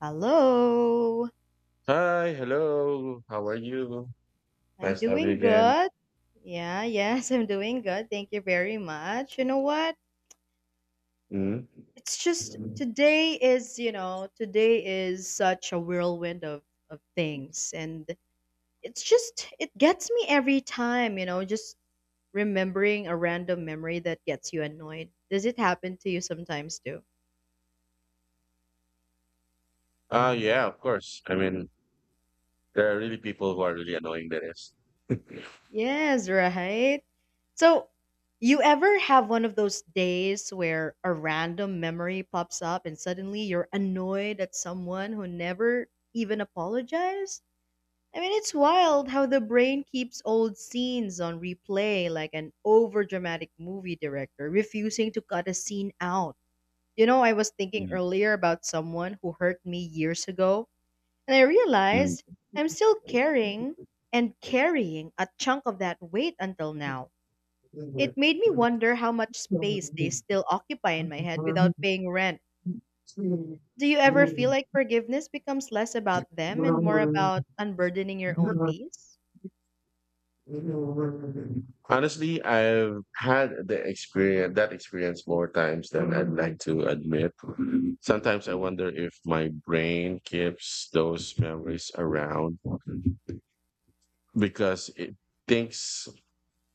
Hello. Hi, hello. How are you? I'm Nice to have you doing again. good. Yeah, yes, I'm doing good. Thank you very much. You know what? Mm. It's just today is, today is such a whirlwind of things, and it's just it gets me every time, just remembering a random memory that gets you annoyed. Does it happen to you sometimes too? Yeah, of course. I mean, there are really people who are really annoying. There is. Yes, right. So, you ever have one of those days where a random memory pops up and suddenly you're annoyed at someone who never even apologized? I mean, it's wild how the brain keeps old scenes on replay like an overdramatic movie director refusing to cut a scene out. You know, I was thinking earlier about someone who hurt me years ago, and I Mm, realized I'm still carrying and carrying a chunk of that weight until now. It made me wonder how much space they still occupy in my head without paying rent. Do you ever feel like forgiveness becomes less about them and more about unburdening your own mm. peace? Honestly, I've had the experience that experience more times than I'd like to admit. Sometimes I wonder if my brain keeps those memories around because it thinks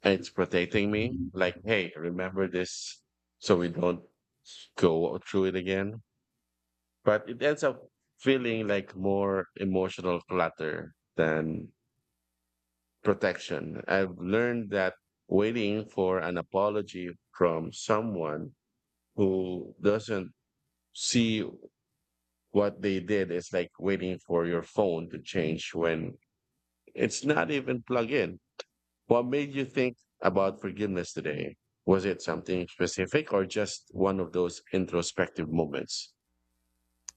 it's protecting me. Like, hey, remember this so we don't go through it again. But it ends up feeling like more emotional clutter than protection. I've learned that waiting for an apology from someone who doesn't see what they did is like waiting for your phone to change when it's not even plugged in. What made you think about forgiveness today? Was it something specific or just one of those introspective moments?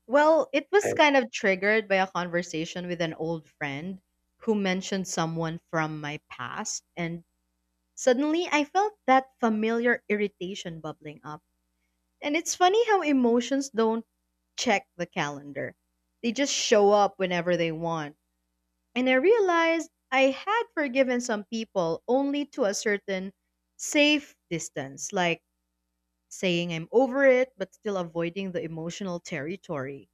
Well, it was kind of triggered by a conversation with an old friend who mentioned someone from my past, and suddenly I felt that familiar irritation bubbling up. And it's funny how emotions don't check the calendar. They just show up whenever they want. And I realized I had forgiven some people only to a certain safe distance, like saying I'm over it, but still avoiding the emotional territory.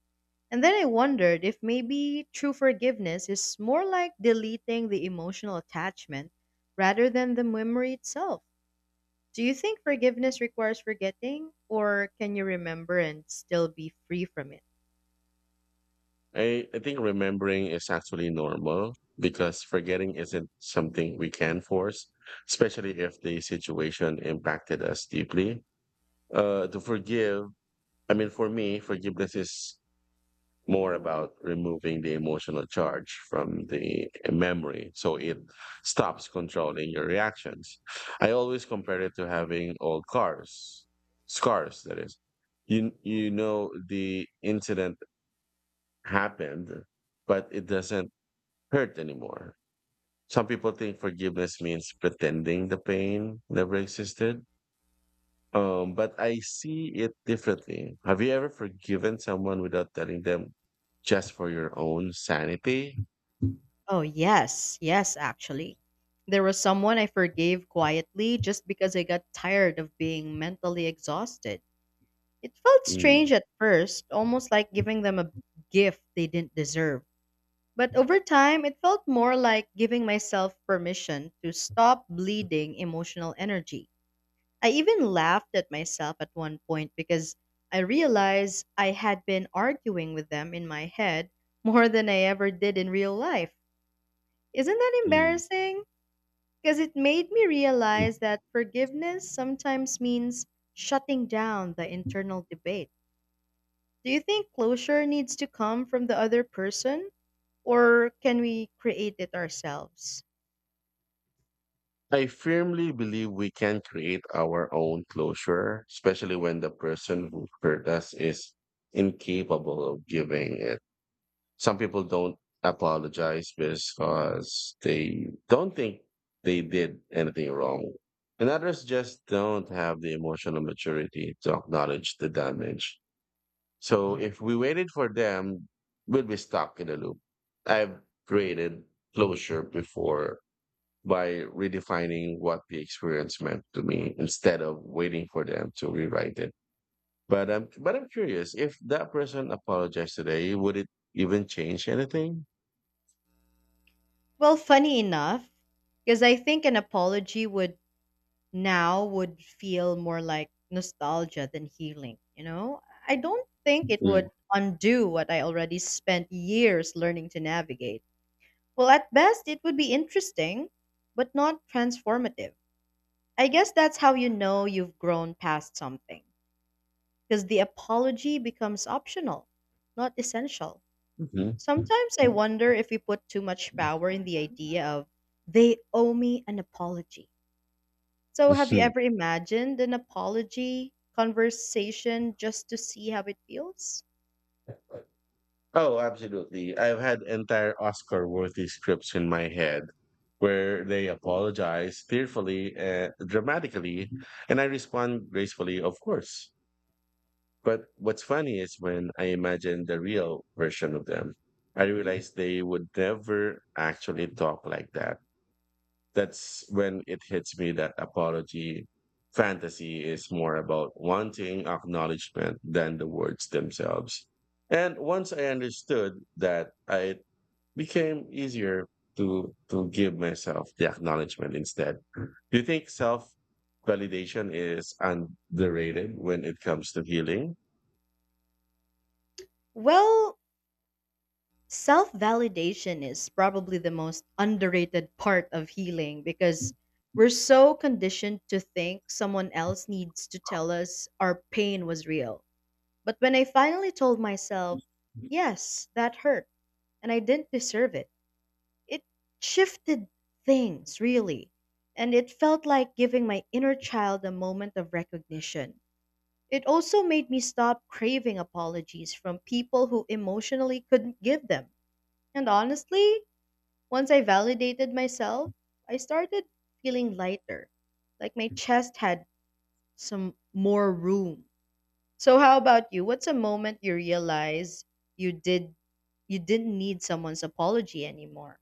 And then I wondered if maybe true forgiveness is more like deleting the emotional attachment rather than the memory itself. Do you think forgiveness requires forgetting, or can you remember and still be free from it? I think remembering is actually normal because forgetting isn't something we can force, especially if the situation impacted us deeply. To forgive, I mean, for me, forgiveness is more about removing the emotional charge from the memory so it stops controlling your reactions. I always compare it to having old cars, scars, that is. You know, the incident happened, but it doesn't hurt anymore. Some people think forgiveness means pretending the pain never existed. But I see it differently. Have you ever forgiven someone without telling them just for your own sanity? Oh, yes, yes, actually. There was someone I forgave quietly just because I got tired of being mentally exhausted. It felt Mm. strange at first, almost like giving them a gift they didn't deserve. But over time, it felt more like giving myself permission to stop bleeding emotional energy. I even laughed at myself at one point because I realized I had been arguing with them in my head more than I ever did in real life. Isn't that Mm. embarrassing? Because it made me realize that forgiveness sometimes means shutting down the internal debate. Do you think closure needs to come from the other person, or can we create it ourselves? I firmly believe we can create our own closure, especially when the person who hurt us is incapable of giving it. Some people don't apologize because they don't think they did anything wrong. And others just don't have the emotional maturity to acknowledge the damage. So if we waited for them, we would be stuck in a loop. I've created closure before by redefining what the experience meant to me instead of waiting for them to rewrite it. But I'm curious, if that person apologized today, would it even change anything? Well, funny enough, because I think an apology would now would feel more like nostalgia than healing, you know? I don't think it Mm. would undo what I already spent years learning to navigate. Well, at best, it would be interesting, but not transformative. I guess that's how you know you've grown past something, because the apology becomes optional, not essential. Mhm. Sometimes I Mhm. wonder if we put too much power in the idea of they owe me an apology. So, have you ever imagined an apology conversation just to see how it feels? Oh, absolutely. I've had entire Oscar worthy scripts in my head where they apologize tearfully, dramatically, and I respond gracefully, of course. But what's funny is when I imagine the real version of them, I realize they would never actually talk like that. That's when it hits me that apology fantasy is more about wanting acknowledgement than the words themselves. And once I understood that, I became easier to give myself the acknowledgement instead. Do you think self validation is underrated when it comes to healing? Well, self validation is probably the most underrated part of healing because we're so conditioned to think someone else needs to tell us our pain was real. But when I finally told myself, yes, that hurt, and I didn't deserve it, it shifted things, really. And it felt like giving my inner child a moment of recognition. It also made me stop craving apologies from people who emotionally couldn't give them. And honestly, once I validated myself, I started feeling lighter, like my chest had some more room. So how about you? What's a moment you realize you did you didn't need someone's apology anymore?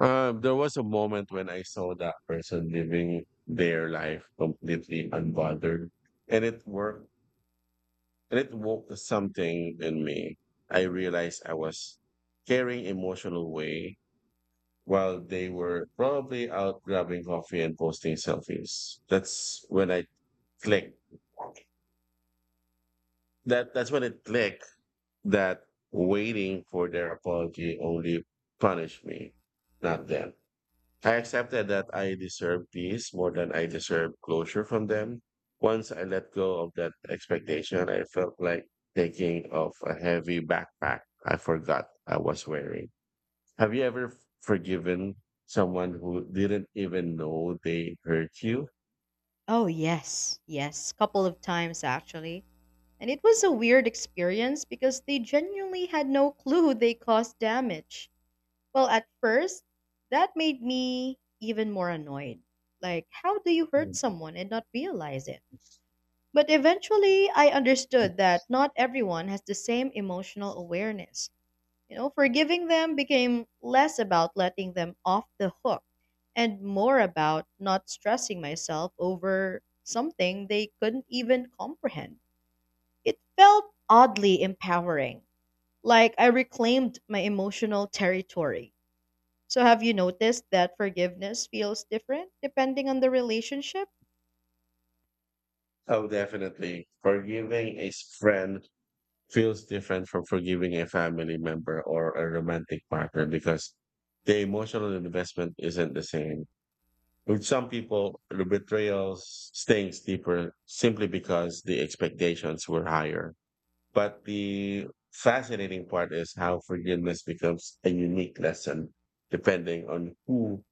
There was a moment when I saw that person living their life completely unbothered, and it worked. And it woke something in me. I realized I was carrying emotional weight while they were probably out grabbing coffee and posting selfies. That's when I clicked. That's when it clicked that waiting for their apology only punished me, not them. I accepted that I deserve peace more than I deserve closure from them. Once I let go of that expectation, I felt like taking off a heavy backpack I forgot I was wearing. Have you ever forgiven someone who didn't even know they hurt you? Oh, yes, yes, couple of times actually. And it was a weird experience because they genuinely had no clue they caused damage. Well, at first, that made me even more annoyed. Like, how do you hurt Mm. someone and not realize it? But eventually, I understood that not everyone has the same emotional awareness. You know, forgiving them became less about letting them off the hook and more about not stressing myself over something they couldn't even comprehend. It felt oddly empowering, like I reclaimed my emotional territory. So, have you noticed that forgiveness feels different depending on the relationship? Oh, definitely. Forgiving a friend feels different from forgiving a family member or a romantic partner because the emotional investment isn't the same. With some people, the betrayal stings deeper simply because the expectations were higher. But the fascinating part is how forgiveness becomes a unique lesson depending on who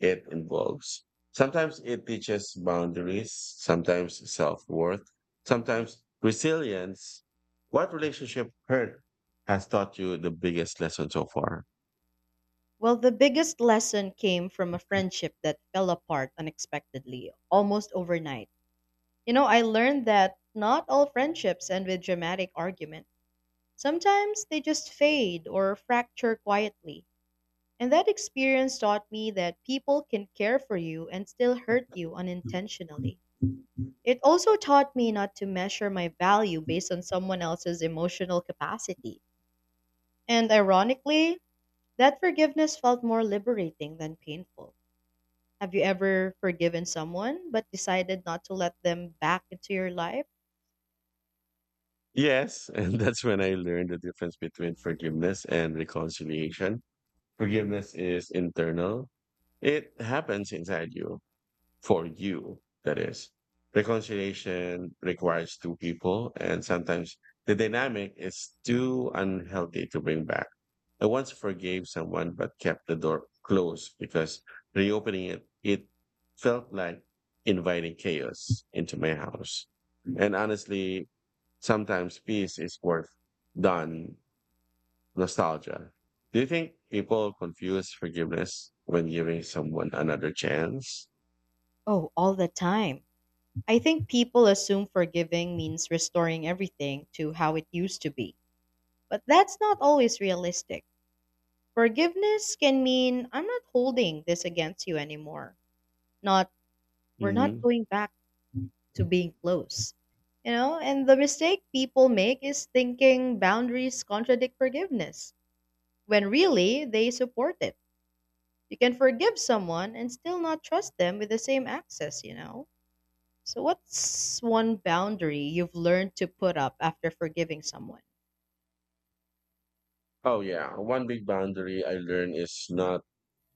it involves. Sometimes it teaches boundaries, sometimes self worth, sometimes resilience. What relationship hurt has taught you the biggest lesson so far? Well, the biggest lesson came from a friendship that fell apart unexpectedly, almost overnight. You know, I learned that not all friendships end with dramatic argument. Sometimes they just fade or fracture quietly. And that experience taught me that people can care for you and still hurt you unintentionally. It also taught me not to measure my value based on someone else's emotional capacity. And ironically, that forgiveness felt more liberating than painful. Have you ever forgiven someone but decided not to let them back into your life? Yes, and that's when I learned the difference between forgiveness and reconciliation. Forgiveness is internal. It happens inside you, for you, that is. Reconciliation requires two people, and sometimes the dynamic is too unhealthy to bring back. I once forgave someone but kept the door closed because reopening it, it felt like inviting chaos into my house. And honestly, sometimes peace is worth than nostalgia. Do you think people confuse forgiveness when giving someone another chance? Oh, all the time. I think people assume forgiving means restoring everything to how it used to be, but that's not always realistic. Forgiveness can mean I'm not holding this against you anymore. Not we're not Hmm. going back to being close. You know, and the mistake people make is thinking boundaries contradict forgiveness when really they support it. You can forgive someone and still not trust them with the same access, you know? So, what's one boundary you've learned to put up after forgiving someone? Oh yeah, one big boundary I learned is not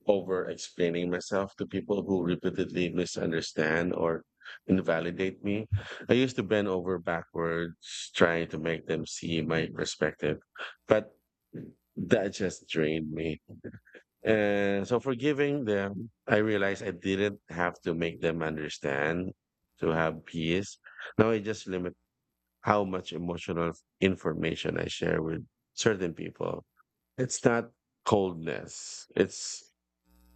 over explaining myself to people who repeatedly misunderstand or invalidate me. I used to bend over backwards trying to make them see my perspective, but that just drained me. And so forgiving them, I realized I didn't have to make them understand to have peace. Now I just limit how much emotional information I share with certain people. It's not coldness. It's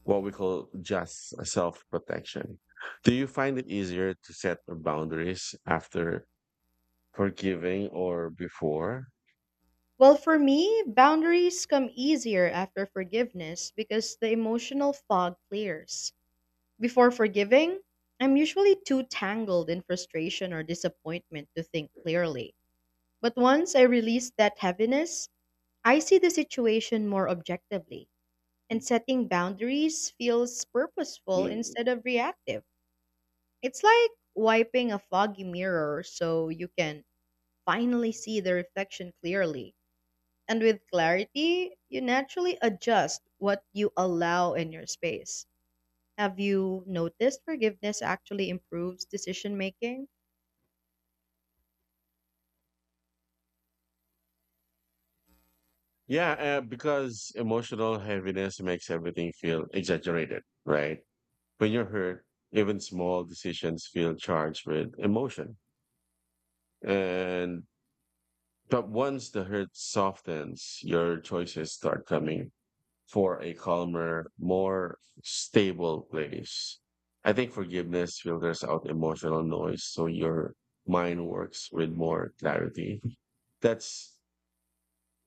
what we call just self protection. Do you find it easier to set boundaries after forgiving or before? Well, for me, boundaries come easier after forgiveness because the emotional fog clears. Before forgiving, I'm usually too tangled in frustration or disappointment to think clearly. But once I release that heaviness, I see the situation more objectively, and setting boundaries feels purposeful Mm. instead of reactive. It's like wiping a foggy mirror so you can finally see the reflection clearly. And with clarity, you naturally adjust what you allow in your space. Have you noticed forgiveness actually improves decision making? Yeah, because emotional heaviness makes everything feel exaggerated, right? When you're hurt, even small decisions feel charged with emotion. And but once the hurt softens, your choices start coming for a calmer, more stable place. I think forgiveness filters out emotional noise so your mind works with more clarity. That's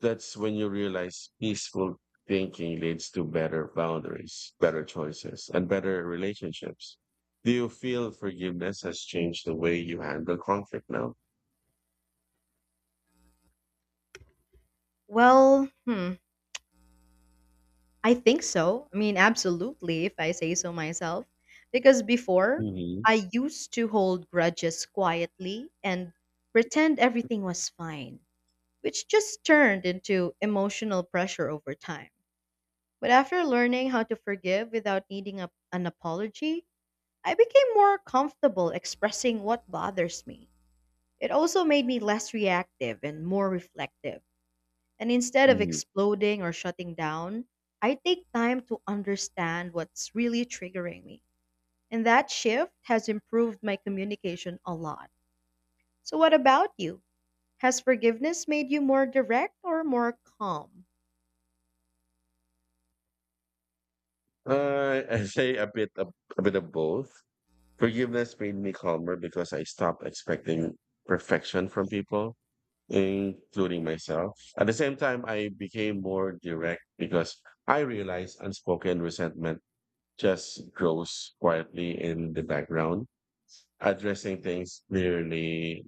that's when you realize peaceful thinking leads to better boundaries, better choices, and better relationships. Do you feel forgiveness has changed the way you handle conflict now? Well, I think so. I mean, absolutely, if I say so myself. Because before, Hmm. I used to hold grudges quietly and pretend everything was fine, which just turned into emotional pressure over time. But after learning how to forgive without needing an apology, I became more comfortable expressing what bothers me. It also made me less reactive and more reflective. And instead of exploding or shutting down, I take time to understand what's really triggering me. And that shift has improved my communication a lot. So, what about you? Has forgiveness made you more direct or more calm? I say a bit of both. Forgiveness made me calmer because I stopped expecting perfection from people, including myself. At the same time, I became more direct because I realized unspoken resentment just grows quietly in the background. Addressing things clearly,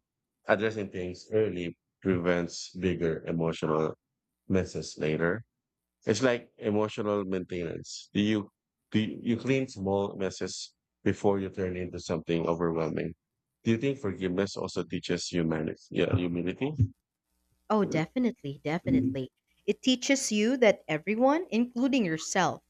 addressing things early prevents bigger emotional messes later. It's like emotional maintenance. Do you clean small messes before you turn into something overwhelming? Do you think forgiveness also teaches humanity? Yeah, humility. Oh, definitely, definitely. It teaches you that everyone, including yourself,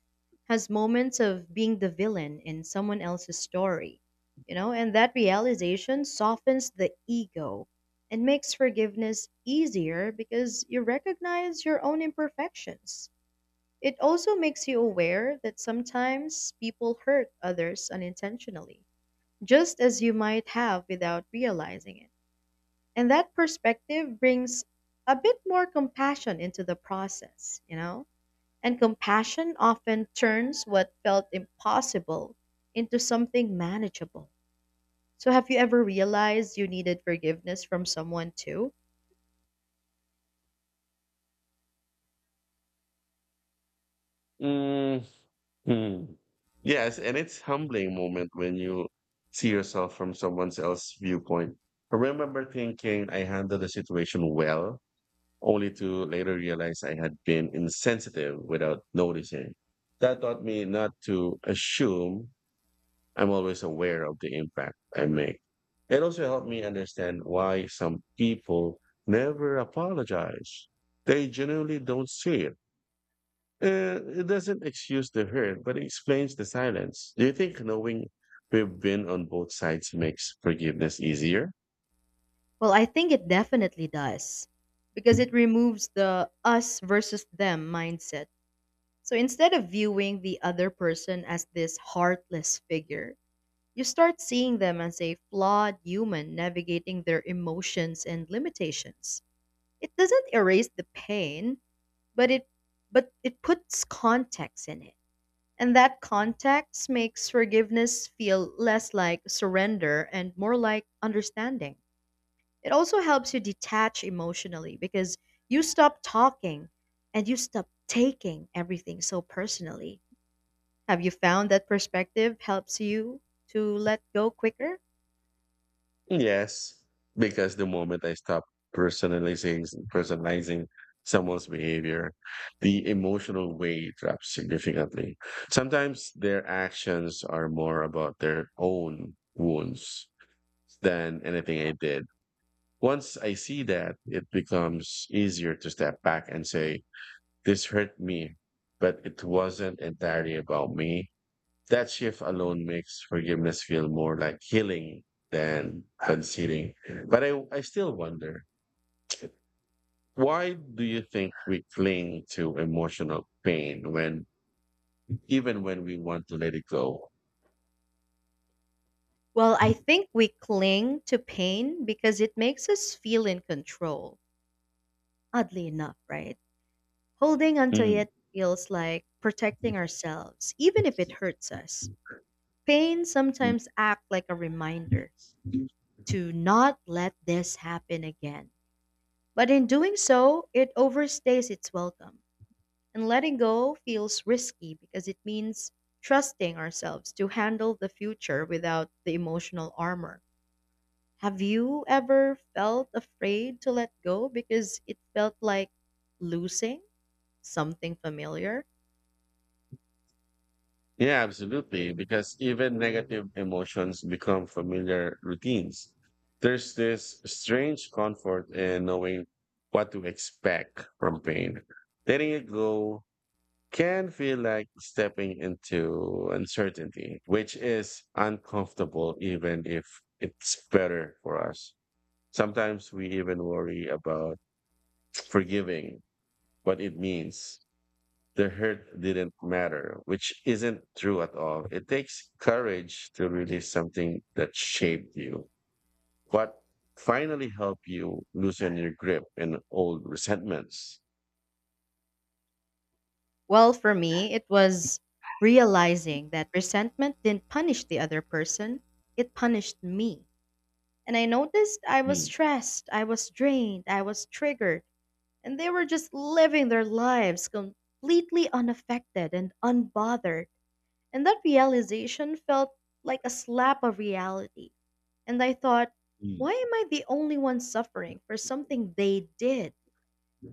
has moments of being the villain in someone else's story. You know, and that realization softens the ego and makes forgiveness easier because you recognize your own imperfections. It also makes you aware that sometimes people hurt others unintentionally, just as you might have without realizing it. And that perspective brings a bit more compassion into the process, you know? And compassion often turns what felt impossible into something manageable. So, have you ever realized you needed forgiveness from someone too? Mm, hmm. Yes, and it's humbling moment when you see yourself from someone else's viewpoint. I remember thinking I handled the situation well, only to later realize I had been insensitive without noticing. That taught me not to assume I'm always aware of the impact I make. It also helped me understand why some people never apologize. They genuinely don't see it. It doesn't excuse the hurt, but it explains the silence. Do you think knowing we've been on both sides makes forgiveness easier? Well, I think it definitely does because it removes the us versus them mindset. So, instead of viewing the other person as this heartless figure, you start seeing them as a flawed human navigating their emotions and limitations. It doesn't erase the pain, but it but it puts context in it. And that context makes forgiveness feel less like surrender and more like understanding. It also helps you detach emotionally because you stop talking and you stop taking everything so personally. Have you found that perspective helps you to let go quicker? Yes, because the moment I stop personalizing personalizing someone's behavior, the emotional weight drops significantly. Sometimes their actions are more about their own wounds than anything I did. Once I see that, it becomes easier to step back and say, this hurt me, but it wasn't entirely about me. That shift alone makes forgiveness feel more like healing than conceding. But I still wonder, why do you think we cling to emotional pain when even when we want to let it go? Well, I think we cling to pain because it makes us feel in control, oddly enough, right? Holding onto Mm. it feels like protecting ourselves, even if it hurts us. Pain sometimes acts like a reminder to not let this happen again. But in doing so, it overstays its welcome. And letting go feels risky because it means trusting ourselves to handle the future without the emotional armor. Have you ever felt afraid to let go because it felt like losing something familiar? Yeah, absolutely. Because even negative emotions become familiar routines. There's this strange comfort in knowing what to expect from pain. Letting it go can feel like stepping into uncertainty, which is uncomfortable, even if it's better for us. Sometimes we even worry about forgiving what it means. The hurt didn't matter, which isn't true at all. It takes courage to release something that shaped you. What finally helped you loosen your grip in old resentments? Well, for me, it was realizing that resentment didn't punish the other person, it punished me. And I noticed I was Mm, stressed, I was drained, I was triggered, and they were just living their lives completely unaffected and unbothered. And that realization felt like a slap of reality. And I thought, why mm. am I the only one suffering for something they did?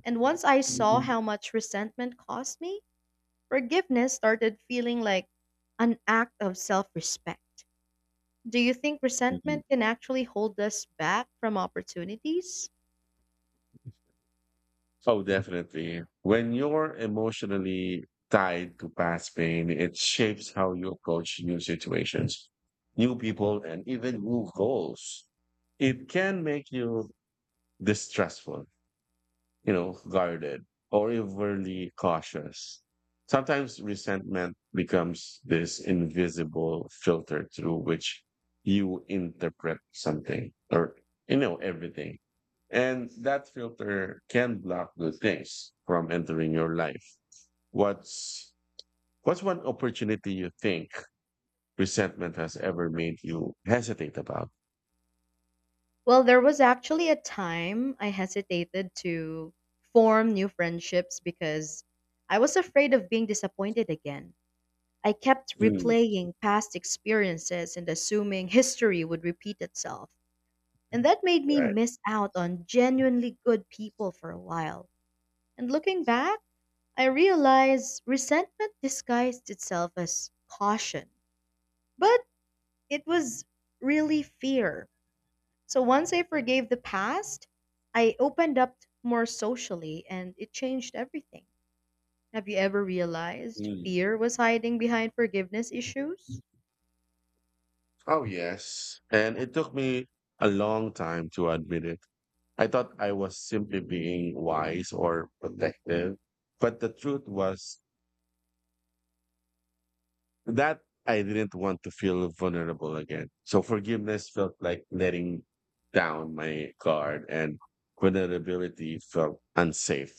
And once I saw how much resentment cost me, forgiveness started feeling like an act of self respect. Do you think Mhm. resentment can actually hold us back from opportunities? Oh, definitely. When you're emotionally tied to past pain, it shapes how you approach new situations, new people, and even new goals. It can make you distrustful, you know, guarded or overly cautious. Sometimes resentment becomes this invisible filter through which you interpret something or, you know, everything. And that filter can block good things from entering your life. What's what's one opportunity you think resentment has ever made you hesitate about? Well, there was actually a time I hesitated to form new friendships because I was afraid of being disappointed again. I kept Mm. replaying past experiences and assuming history would repeat itself. And that made me Right. miss out on genuinely good people for a while. And looking back, I realized resentment disguised itself as caution. But it was really fear. So once I forgave the past, I opened up more socially and it changed everything. Have you ever realized Mm. fear was hiding behind forgiveness issues? Oh, yes. And it took me a long time to admit it. I thought I was simply being wise or protective, but the truth was that I didn't want to feel vulnerable again. So forgiveness felt like letting down my guard, and vulnerability felt unsafe.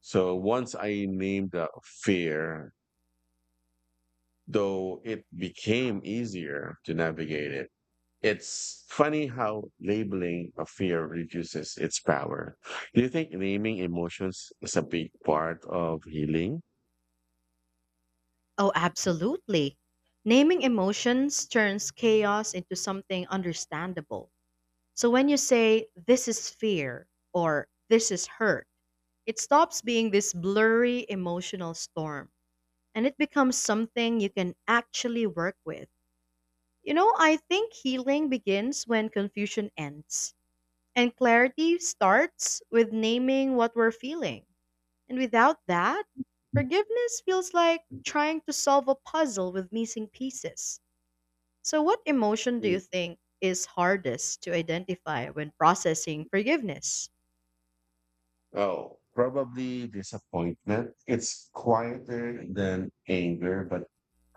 So once I named the fear, though it became easier to navigate it. It's funny how labeling a fear reduces its power. Do you think naming emotions is a big part of healing? Oh, absolutely. Naming emotions turns chaos into something understandable. So when you say, this is fear or this is hurt, it stops being this blurry emotional storm and it becomes something you can actually work with. You know, I think healing begins when confusion ends and clarity starts with naming what we're feeling. And without that, forgiveness feels like trying to solve a puzzle with missing pieces. So, what emotion do you Mm. think is hardest to identify when processing forgiveness? Oh, probably disappointment. It's quieter than anger, but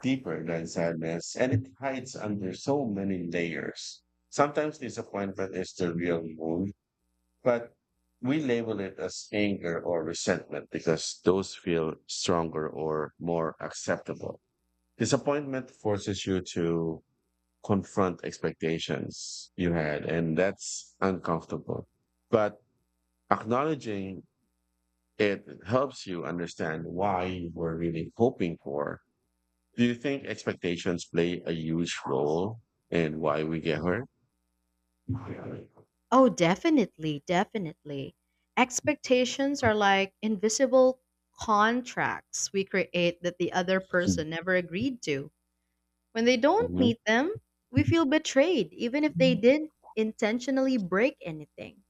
deeper than sadness, and it hides under so many layers. Sometimes disappointment is the real wound, but we label it as anger or resentment because those feel stronger or more acceptable. Disappointment forces you to confront expectations you had, and that's uncomfortable. But acknowledging it helps you understand why you were really hoping for. Do you think expectations play a huge role in why we get hurt? Oh, definitely, definitely. Expectations are like invisible contracts we create that the other person never agreed to. When they don't Mhm. meet them, we feel betrayed, even if they didn't intentionally break anything.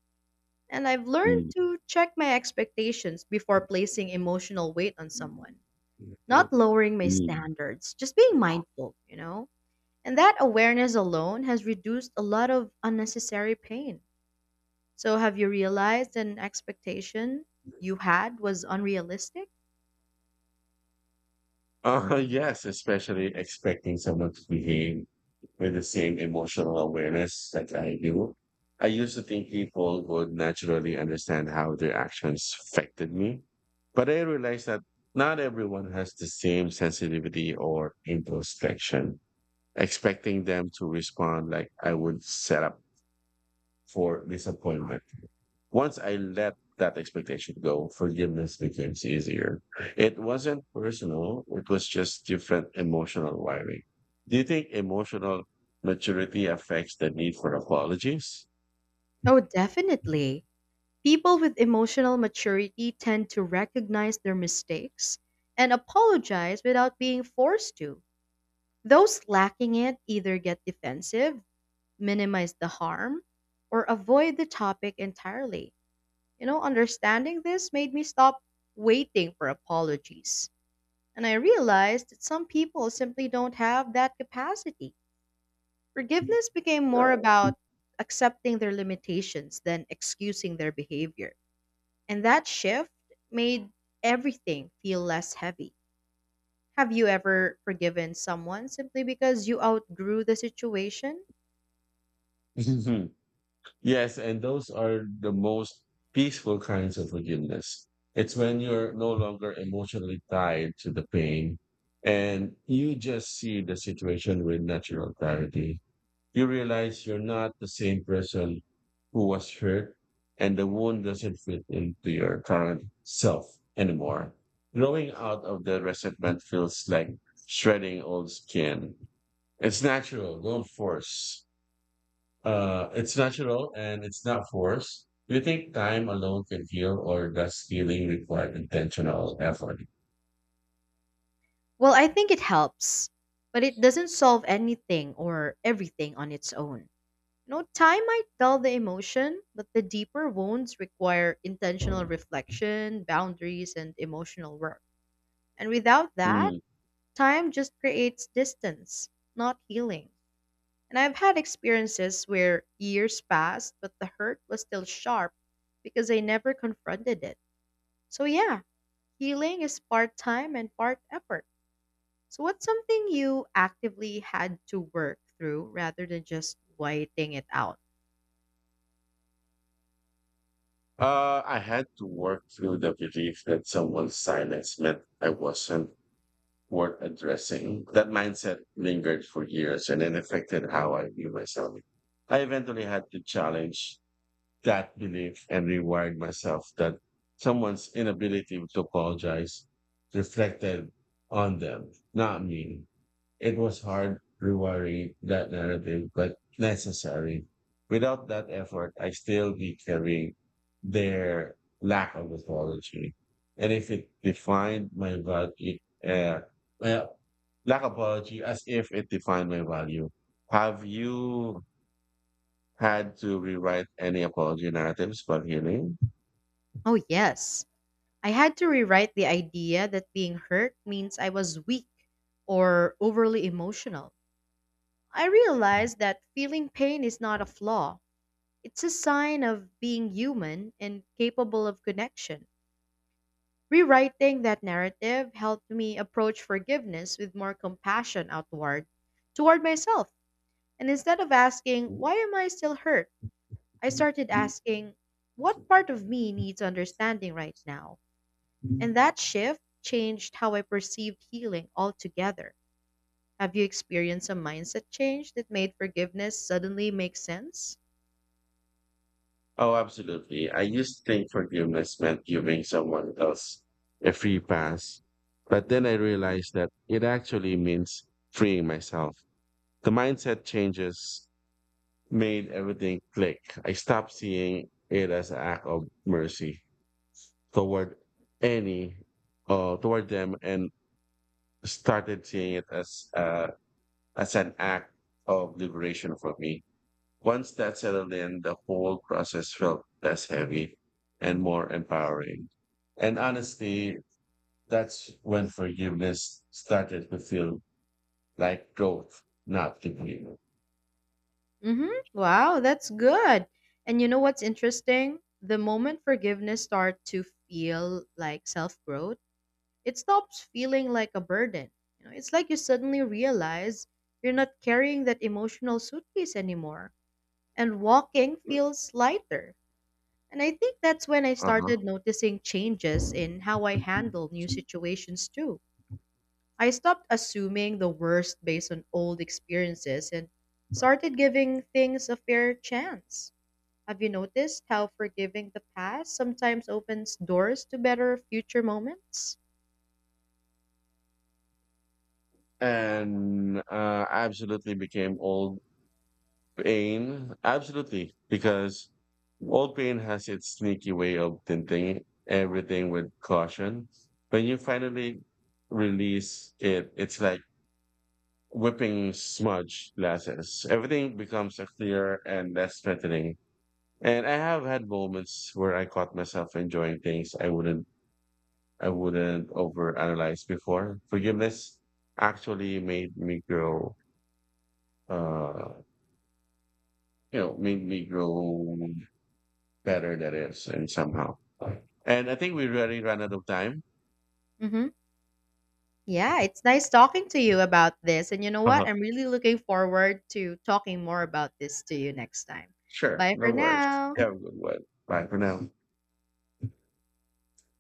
And I've learned Mm. to check my expectations before placing emotional weight on someone, not lowering my Mm. standards, just being mindful, you know? And that awareness alone has reduced a lot of unnecessary pain. So, have you realized an expectation you had was unrealistic? Yes, especially expecting someone to behave with the same emotional awareness that I do. I used to think people would naturally understand how their actions affected me, but I realized that not everyone has the same sensitivity or introspection. Expecting them to respond like I would set up for disappointment. Once I let that expectation go, forgiveness becomes easier. It wasn't personal, it was just different emotional wiring. Do you think emotional maturity affects the need for apologies? Oh, definitely. People with emotional maturity tend to recognize their mistakes and apologize without being forced to. Those lacking it either get defensive, minimize the harm, or avoid the topic entirely. You know, understanding this made me stop waiting for apologies. And I realized that some people simply don't have that capacity. Forgiveness became more about accepting their limitations than excusing their behavior. And that shift made everything feel less heavy. Have you ever forgiven someone simply because you outgrew the situation? Yes, and those are the most peaceful kinds of forgiveness. It's when you're no longer emotionally tied to the pain and you just see the situation with natural clarity. You realize you're not the same person who was hurt and the wound doesn't fit into your current self anymore. Growing out of the resentment feels like shredding old skin. It's natural, don't force. It's natural and it's not forced. Do you think time alone can heal, or does healing require intentional effort? Well, I think it helps, but it doesn't solve anything or everything on its own. You know, time might dull the emotion, but the deeper wounds require intentional reflection, boundaries, and emotional work. And without that, Mm. time just creates distance, not healing. And I've had experiences where years passed, but the hurt was still sharp because I never confronted it. So, yeah, healing is part time and part effort. So, what's something you actively had to work through rather than just whiting it out? I had to work through the belief that someone's silence meant I wasn't worth addressing. That mindset lingered for years and it affected how I view myself. I eventually had to challenge that belief and rewired myself that someone's inability to apologize reflected on them, not me. It was hard rewiring that narrative, but necessary. Without that effort, I still be carrying their lack of apology. And if it defined my value, uh, well, lack of apology as if it defined my value. Have you had to rewrite any apology narratives for healing. Oh, yes. I had to rewrite the idea that being hurt means I was weak or overly emotional. I realized that feeling pain is not a flaw, it's a sign of being human and capable of connection. Rewriting that narrative helped me approach forgiveness with more compassion outward toward myself. And instead of asking, why am I still hurt? I started asking, what part of me needs understanding right now? And that shift changed how I perceived healing altogether. Have you experienced a mindset change that made forgiveness suddenly make sense? Oh, absolutely. I used to think forgiveness meant giving someone else a free pass. But then I realized that it actually means freeing myself. The mindset changes made everything click. I stopped seeing it as an act of mercy toward any toward them and started seeing it as an act of liberation for me. Once that settled in, the whole process felt less heavy and more empowering. And honestly, that's when forgiveness started to feel like growth, not defeat. Mhm. Wow, that's good. And you know what's interesting? The moment forgiveness starts to feel like self-growth, it stops feeling like a burden. You know, it's like you suddenly realize you're not carrying that emotional suitcase anymore and walking feels lighter. And I think that's when I Uh-huh. started noticing changes in how I handle new situations too. I stopped assuming the worst based on old experiences and started giving things a fair chance. Have you noticed how forgiving the past sometimes opens doors to better future moments? And I absolutely became old pain, absolutely, because old pain has its sneaky way of tinting everything with caution. When you finally release it, it's like whipping smudge glasses. Everything becomes a clearer and less threatening. And I have had moments where I caught myself enjoying things I wouldn't overanalyze before. Forgiveness actually uh made me grow better that is and somehow. And I think we really ran out of time. Mm-hmm. Yeah, it's nice talking to you about this. And you know what? Uh-huh. I'm really looking forward to talking more about this to you next time. Sure, Bye no for worries. now. Have a good one. Bye for now.